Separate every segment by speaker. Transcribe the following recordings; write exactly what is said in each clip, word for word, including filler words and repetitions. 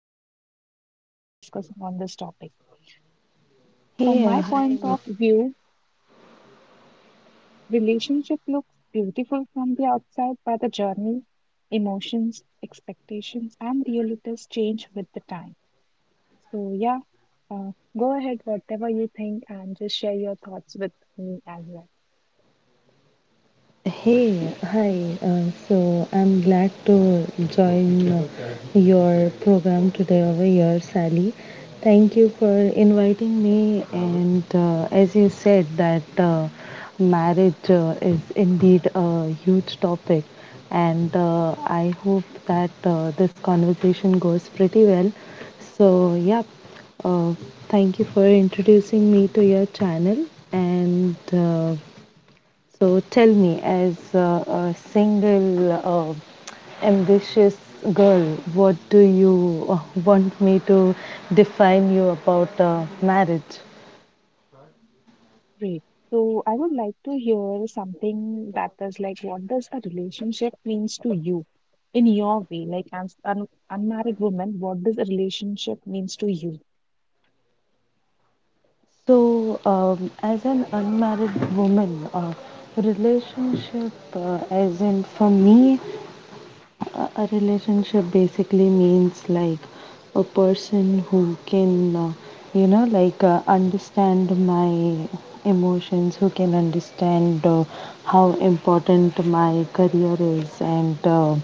Speaker 1: have a great day today discussing on this topic. From
Speaker 2: Hey,
Speaker 1: my
Speaker 2: uh,
Speaker 1: point
Speaker 2: hi.
Speaker 1: of view, relationship looks beautiful from the outside, but the journey, emotions, expectations, and realities change with the time. So, yeah, uh, go ahead, whatever you think, and just share your thoughts with me as well.
Speaker 2: Hey, hi. Uh, so I'm glad to join uh, your program today over here, Sally. Thank you for inviting me. And uh, as you said, that uh, marriage uh, is indeed a huge topic, and uh, I hope that uh, this conversation goes pretty well. So, yeah, uh, thank you for introducing me to your channel and. Uh, So tell me, as uh, a single, uh, ambitious girl, what do you uh, want me to define you about uh, marriage?
Speaker 1: Great. So I would like to hear something that is like, what does a relationship means to you in your way? Like, as an unmarried woman, what does a relationship means to you?
Speaker 2: So, um, as an unmarried woman, uh, relationship, uh, as in for me, A a relationship basically means like a person who can, uh, you know, like uh, understand my emotions, who can understand uh, how important my career is, and uh,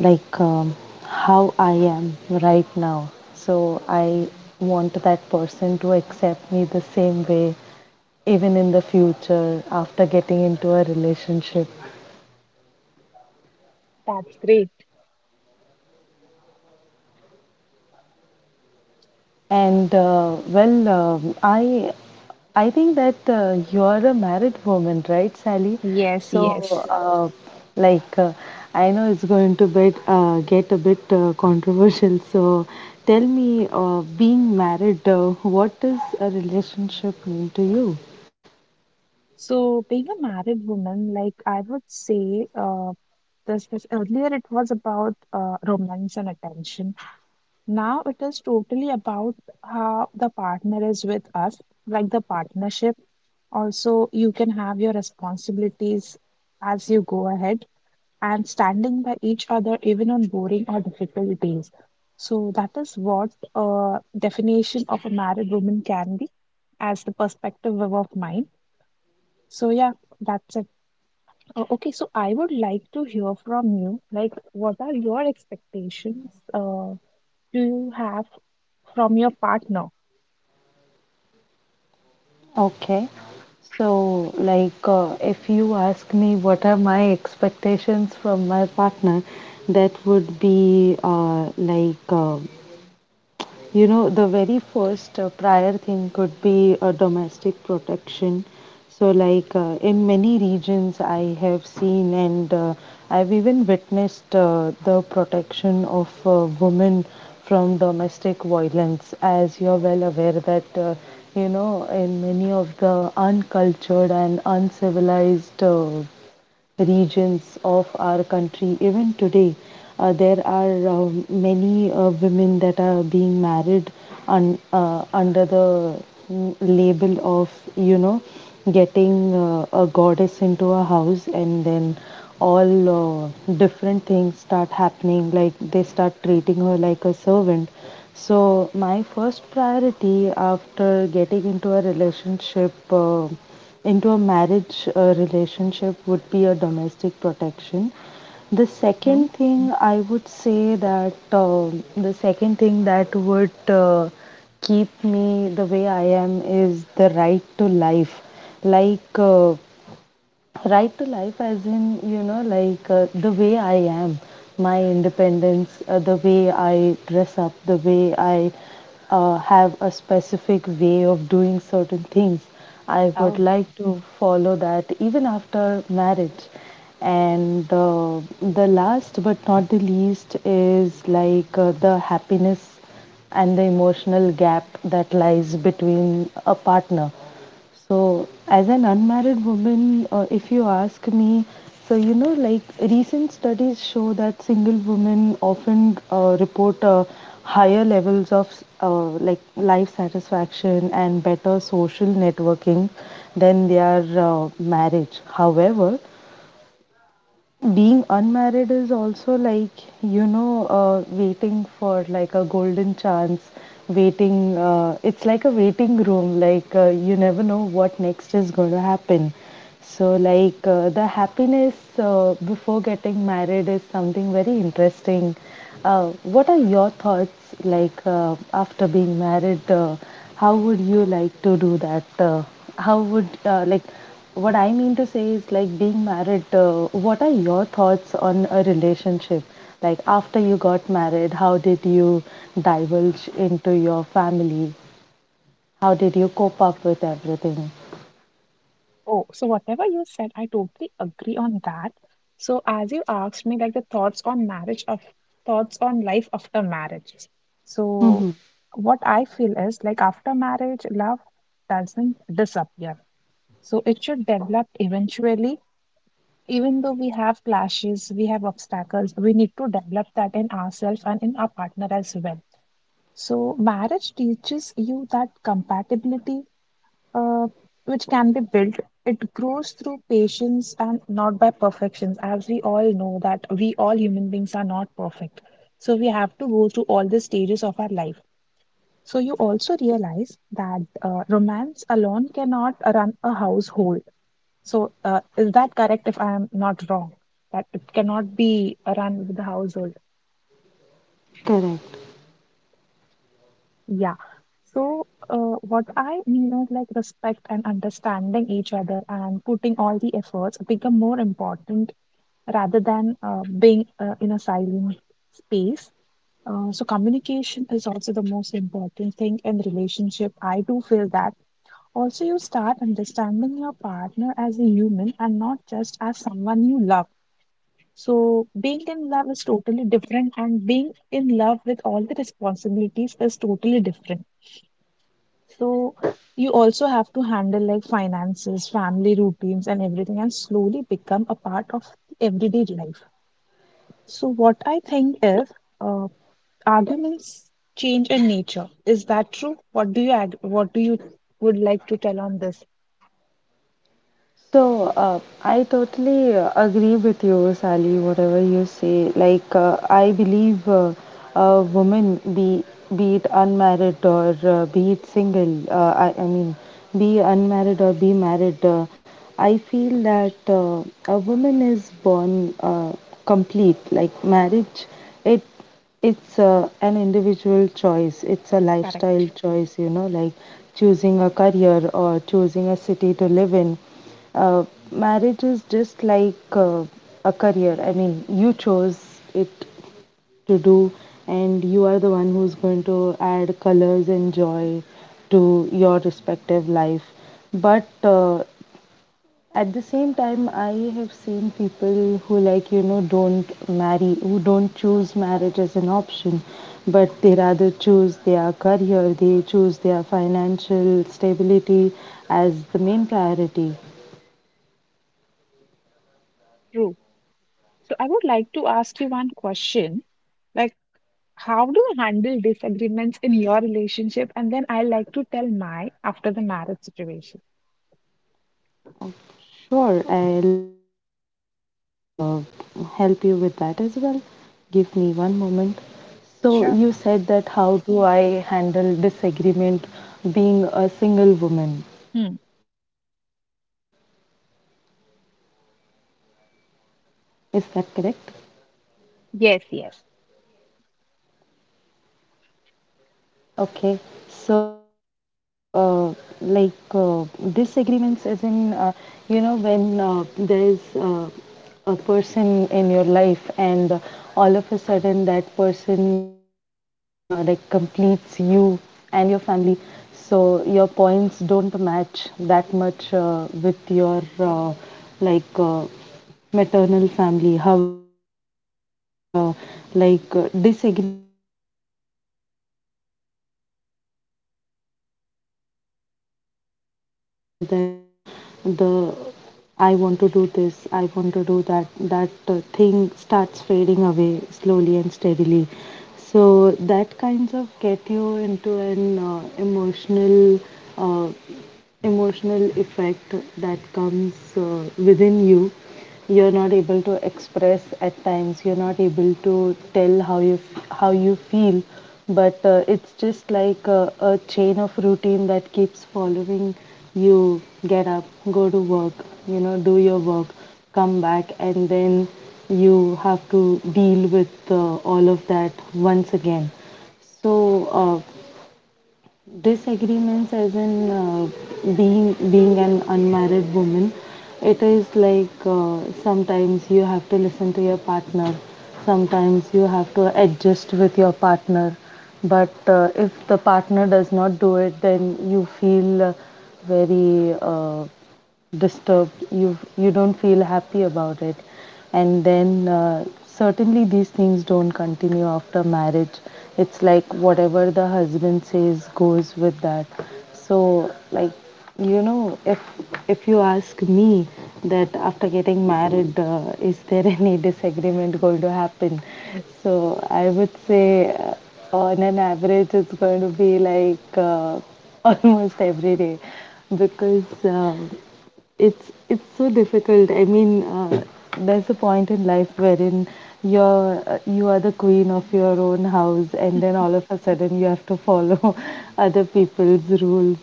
Speaker 2: like um, how I am right now. So I want that person to accept me the same way, even in the future after getting into a relationship.
Speaker 1: That's great.
Speaker 2: And uh, well, um I I think that uh, you're a married woman, right, Sally?
Speaker 1: Yes,
Speaker 2: So,
Speaker 1: yes.
Speaker 2: uh, like, uh, I know it's going to bit, uh, get a bit uh, controversial. So, tell me, uh, being married, uh, what does a relationship mean to you?
Speaker 1: So, being a married woman, like I would say, uh, this, this earlier it was about uh, romance and attention. Now it is totally about how the partner is with us, like the partnership. Also, you can have your responsibilities as you go ahead and standing by each other even on boring or difficult days. So that is what uh, definition of a married woman can be as the perspective of of mine. So yeah, that's it. Uh, okay, so I would like to hear from you. Like, what are your expectations? Uh, do you have from your partner?
Speaker 2: Okay. So, like, uh, if you ask me what are my expectations from my partner, that would be uh, like uh, you know, the very first uh, prior thing could be a domestic protection. So, like uh, in many regions, I have seen and uh, I've even witnessed uh, the protection of uh, women from domestic violence. As you're well aware, that uh, you know, in many of the uncultured and uncivilized uh, regions of our country. Even today, uh, there are uh, many uh, women that are being married un- uh, under the mm, label of, you know, getting uh, a goddess into a house and then all uh, different things start happening, like they start treating her like a servant. So my first priority after getting into a relationship uh, into a marriage uh, relationship would be a domestic protection. The
Speaker 1: Mhm.
Speaker 2: second thing I would say that, um the second thing that would uh, keep me the way I am is the right to life. Like uh, right to life as in, you know, like uh, the way I am, my independence, uh, the way I dress up, the way I uh, have a specific way of doing certain things, I would
Speaker 1: Oh,
Speaker 2: like to follow that even after marriage. And uh, the last but not the least is like uh, the happiness and the emotional gap that lies between a partner. So, as an unmarried woman, uh, if you ask me, so, you know, like, recent studies show that single women often uh, report uh, higher levels of uh, like life satisfaction and better social networking than their uh, marriage. However, being unmarried is also like, you know, uh, waiting for like a golden chance, waiting, uh, it's like a waiting room, like uh, you never know what next is going to happen. So, like, uh, the happiness uh, before getting married is something very interesting. Uh, what are your thoughts like uh, after being married? Uh, how would you like to do that? Uh, how would uh, like what I mean to say is, like, being married. Uh, what are your thoughts on a relationship? Like, after you got married, how did you divulge into your family? How did you cope up with everything?
Speaker 1: oh, so whatever you said, I totally agree on that. So as you asked me, like the thoughts on marriage of thoughts on life after marriage. So
Speaker 2: Mm-hmm.
Speaker 1: what I feel is like after marriage, love doesn't disappear. So it should develop eventually. Even though we have clashes, we have obstacles, we need to develop that in ourselves and in our partner as well. So marriage teaches you that compatibility uh, which can be built, it grows through patience and not by perfections, as we all know that we all human beings are not perfect. So we have to go through all the stages of our life. So you also realize that uh, romance alone cannot run a household. So uh, is that correct if I am not wrong that it cannot be run with the household?
Speaker 2: Correct.
Speaker 1: Yeah. So, uh, what I mean is like respect and understanding each other and putting all the efforts become more important rather than uh, being uh, in a silent space. Uh, so, communication is also the most important thing in relationship. I do feel that. Also, you start understanding your partner as a human and not just as someone you love. So, being in love is totally different, and being in love with all the responsibilities is totally different. So you also have to handle like finances, family routines, and everything, and slowly become a part of everyday life. So what I think is, uh, arguments change in nature. Is that true? What do you ag what do you would like to tell on this?
Speaker 2: So, uh, I totally uh, agree with you, Sally, whatever you say. Like, uh, I believe uh, a woman, be, be it unmarried or uh, be it single, uh, I, I mean, be unmarried or be married, uh, I feel that uh, a woman is born uh, complete. Like, marriage, it it's uh, an individual choice, it's a
Speaker 1: Correct.
Speaker 2: lifestyle choice, you know, like choosing a career or choosing a city to live in. uh, Marriage is just like uh, a career. I mean, you chose it to do, and you are the one who's going to add colors and joy to your respective life. But uh, at the same time, I have seen people who, like, you know, don't marry, who don't choose marriage as an option, but they rather choose their career, they choose their financial stability as the main priority.
Speaker 1: True. So I would like to ask you one question. Like, how do you handle disagreements in your relationship? And then I like to tell my after the marriage situation.
Speaker 2: Sure, I'll uh, help you with that as well. Give me one moment. So, you said that
Speaker 1: Sure.
Speaker 2: how do I handle disagreement being a single woman?
Speaker 1: Hmm.
Speaker 2: Is that correct?
Speaker 1: Yes, yes.
Speaker 2: Okay, so uh, like uh, disagreements, as in, uh, you know, when uh, there's uh, a person in your life and uh, all of a sudden that person uh, like completes you and your family, so your points don't match that much uh, with your uh, like uh, maternal family. However, uh, like uh, disagreements start uh, from that very point. Like uh, the main factor that is, uh, you know, the I want to do this, I want to do that, that uh, thing starts fading away slowly and steadily. So that kinds of get you into an uh, emotional uh, emotional effect that comes uh, within you. You're not able to express at times, you're not able to tell how you f- how you feel, but uh, it's just like a, a chain of routine that keeps following. You get up, go to work, you know, do your work, come back, and then you have to deal with uh, all of that once again. So uh, disagreements as in uh, being being an unmarried woman, it is like uh, sometimes you have to listen to your partner, sometimes you have to adjust with your partner, but uh, if the partner does not do it, then you feel uh, very uh, disturbed, you you don't feel happy about it. And then uh, certainly these things don't continue after marriage. It's like whatever the husband says goes with that. So like, you know, if if you ask me that after getting married, uh, is there any disagreement going to happen, so I would say uh, on an average it's going to be like uh, almost every day. Because um, it's it's so difficult, I mean, uh, there's a point in life wherein you're uh, you are the queen of your own house, and then all of a sudden you have to follow other people's rules.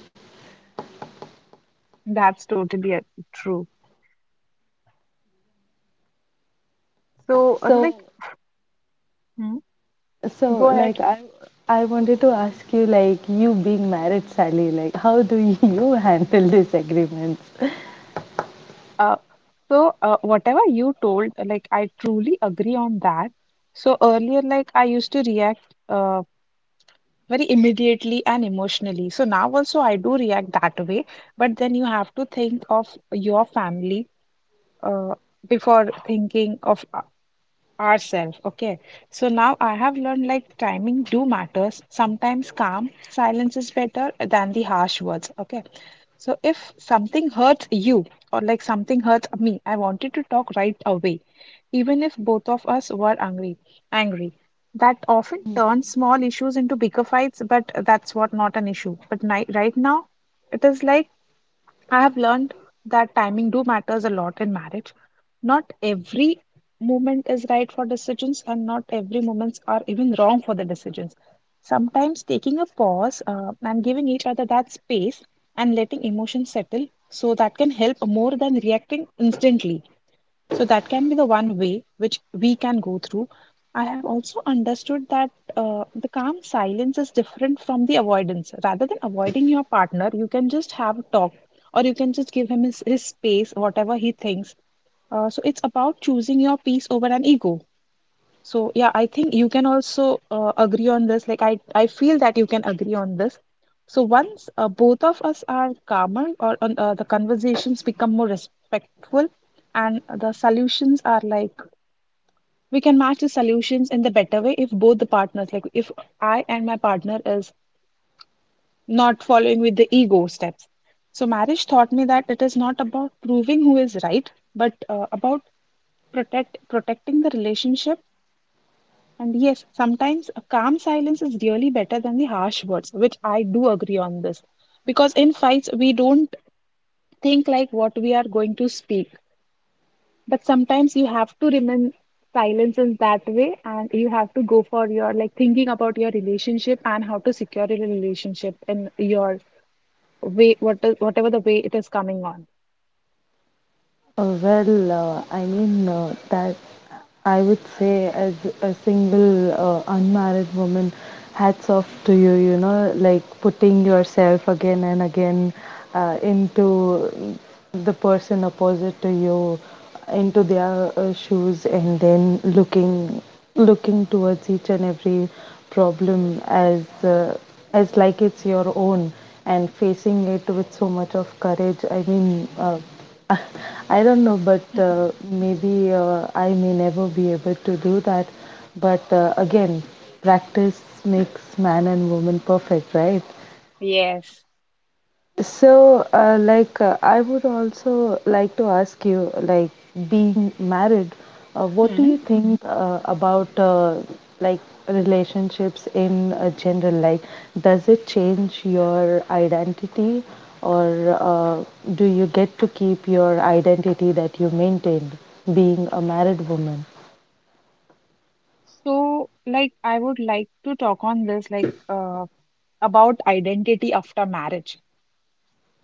Speaker 2: So so like, i i wanted to ask you, like, you being married, Sally, like, how do you handle disagreements? Uh, Well, uh, I mean uh, that I would say as a single uh, unmarried woman, hats off to you, you know, like putting yourself again and again uh, into the person opposite to you, into their uh, shoes and then looking looking towards each and every problem as uh, as like it's your own, and facing it with so much of courage. I mean, uh, I don't know, but uh, maybe uh, I may never be able to do that. But uh, again, practice makes man and woman perfect, right? So, uh, like, uh, I would also like to ask you, like, being married, uh, what do you think uh, about uh, like relationships in uh, general? Like, does it change your identity, or uh, do you get to keep your identity that you maintained being a married woman?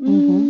Speaker 2: Mm-hmm.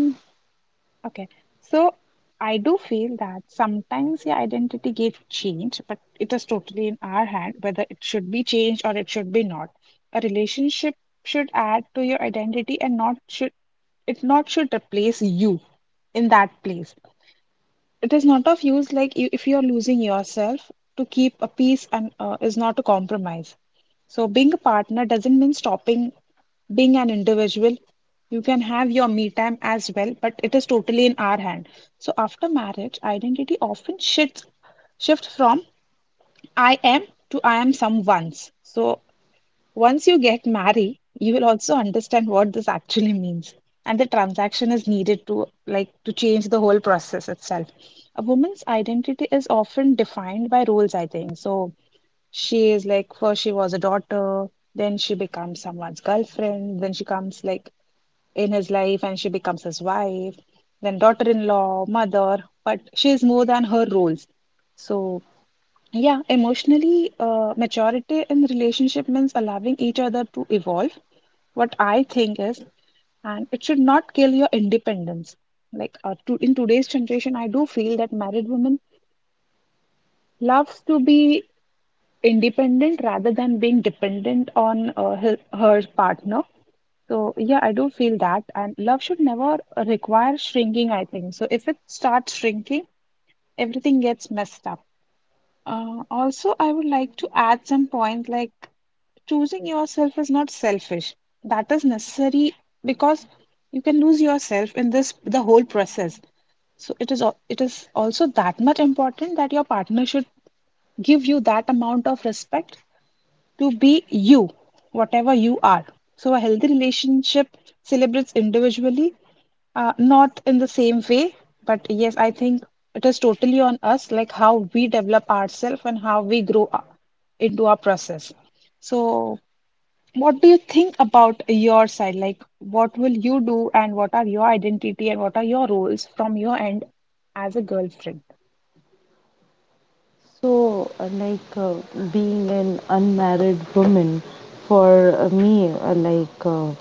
Speaker 2: So, uh, like uh, being an unmarried woman, for uh, me, uh, like uh,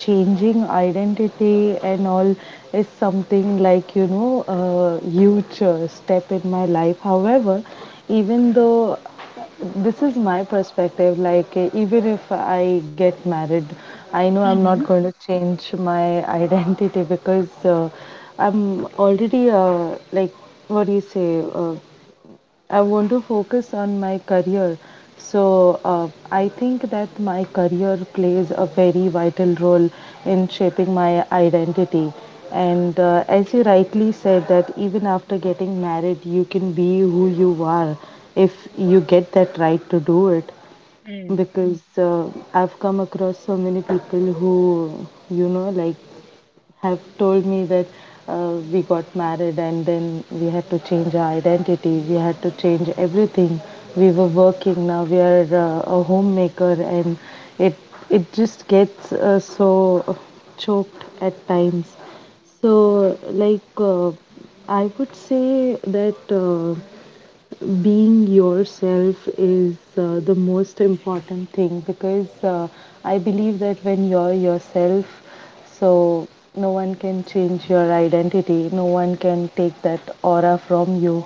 Speaker 2: changing identity and all is something like, you know, a huge uh, step in my life. However, even though this is my perspective, like uh, even if I get married, I know I'm not going to change my identity, because uh, I'm already uh, like, what do you say? Uh, I want to focus on my career. So, uh, I think that my career plays a very vital role in shaping my identity. And uh, as you rightly said, that even after getting married, you can be who you are if you get that right to do it. Because uh, I've come across so many people who, you know, like, have told me that uh, we got married, and then we had to change our identity, we had to change everything. We were working, now we are uh, a homemaker, and it it just gets uh, so choked at times. So, like, uh, I would say that. Uh, being yourself is uh, the most important thing, because uh, I believe that when you're yourself, so no one can change your identity, no one can take that aura from you.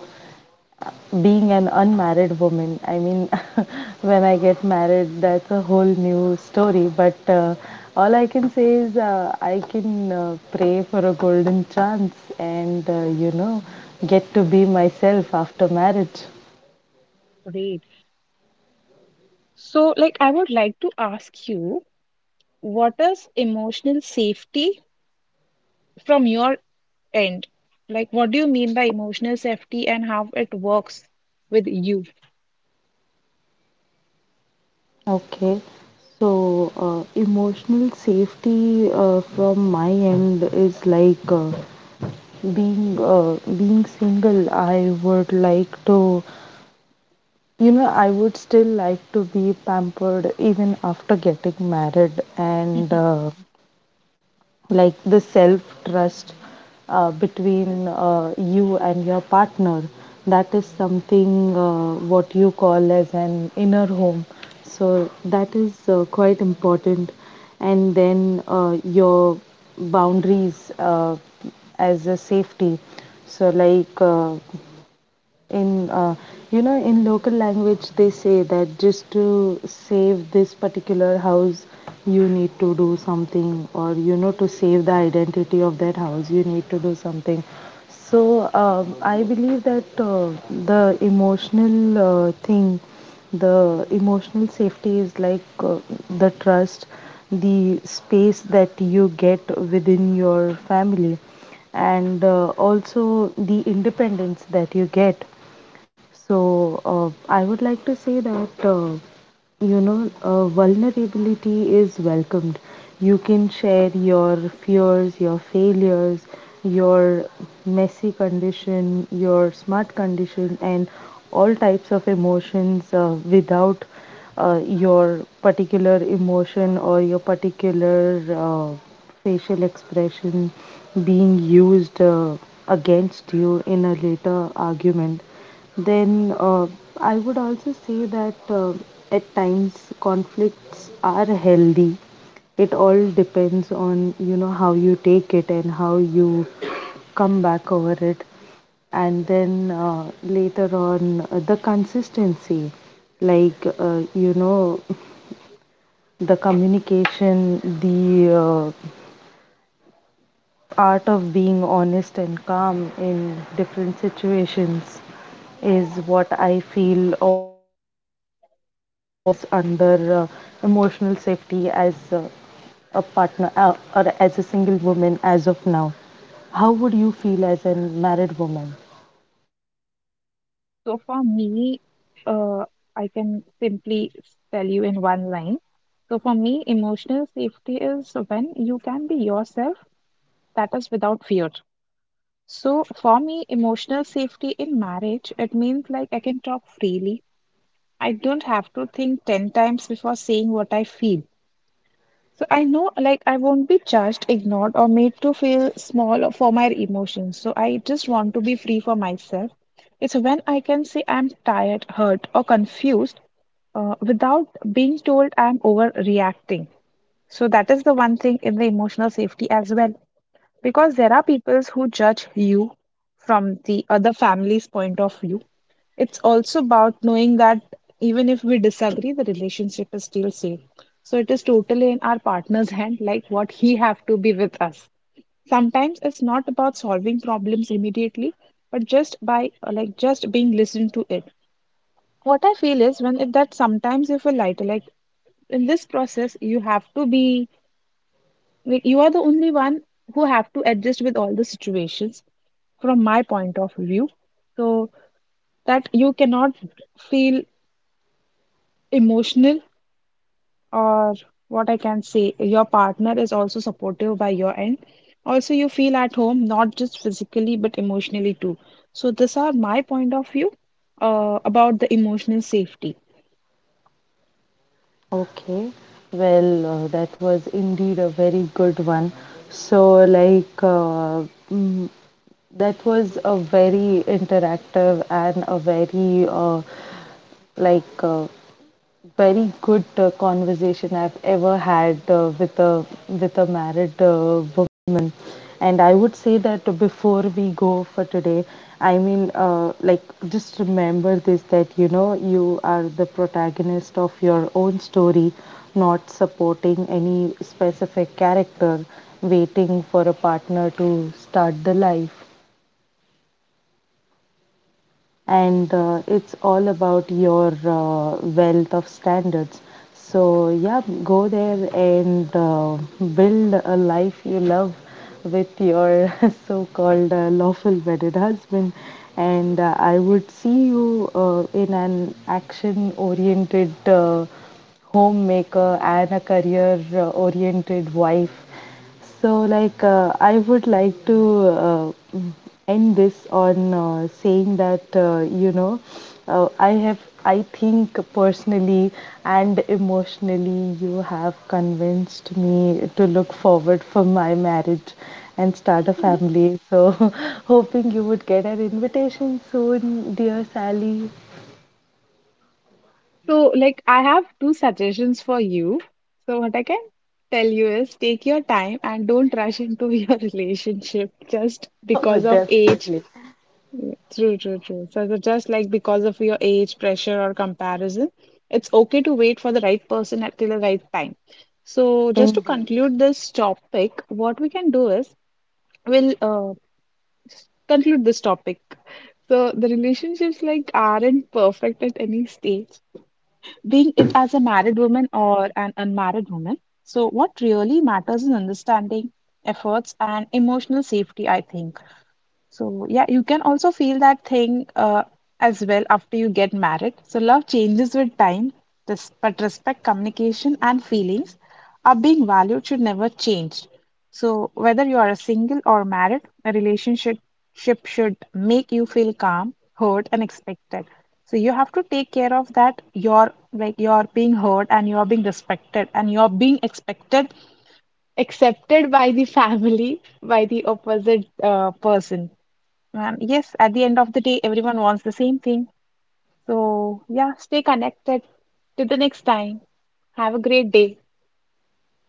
Speaker 2: Being an unmarried woman, I mean, when I get married, that's a whole new story. But uh, all I can say is uh, I can uh, pray for a golden chance and, uh, you know, get to be myself after marriage. Okay, so uh, emotional safety uh, from my end is like uh, being uh, being single. I would like to, you know, I would still like to be pampered even after getting married, and uh, like the self trust uh, between uh, you and your partner, that is something uh, what you call as an inner home. So that is uh, quite important. And then uh, your boundaries uh, as a safety. So like uh, in uh, you know, in local language, they say that just to save this particular house, you need to do something, or, you know, to save the identity of that house, you need to do something. So um, I believe that uh, the emotional uh, thing, the emotional safety is like uh, the trust, the space that you get within your family, and uh, also the independence that you get. So, uh, I would like to say that, uh, you know, uh, vulnerability is welcomed. You can share your fears, your failures, your messy condition, your smart condition, and all types of emotions uh, without uh, your particular emotion or your particular uh, facial expression being used uh, against you in a later argument. Then uh, I would also say that uh, at times conflicts are healthy. It all depends on, you know, how you take it and how you come back over it. And then uh, later on, uh, the consistency, like uh, you know, the communication, the uh, art of being honest and calm in different situations is what I feel all comes under uh, emotional safety as uh, a partner uh, or as a single woman as of now. How would you feel as a married woman? Okay, well, uh, that was indeed a very good one. So, like, uh, mm, that was a very interactive and a very uh, like uh, very good uh, conversation I've ever had uh, with a with a married uh, woman, and I would say that before we go for today, I mean, uh, like, just remember this, that, you know, you are the protagonist of your own story, not supporting any specific character, waiting for a partner to start the life, and uh, it's all about your uh, wealth of standards. So, yeah, go there and uh, build a life you love with your so called uh, lawful wedded husband. And uh, I would see you uh, in an action oriented uh, homemaker and a career uh, oriented wife. So, like, uh, I would like to uh, end this on uh, saying that, uh, you know, uh, I have, I think personally and emotionally, you have convinced me to look forward for my marriage and start a family. So, hoping you would get an invitation soon, dear Sally. Oh, definitely. Indeed.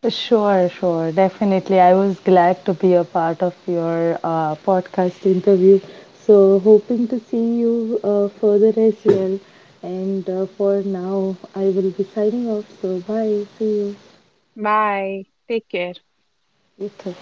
Speaker 2: Sure, sure. Definitely. I was glad to be a part of your uh, podcast interview. So, hoping to see you uh, further as well. And uh, for now, I will be signing off. So, bye. See you. You too.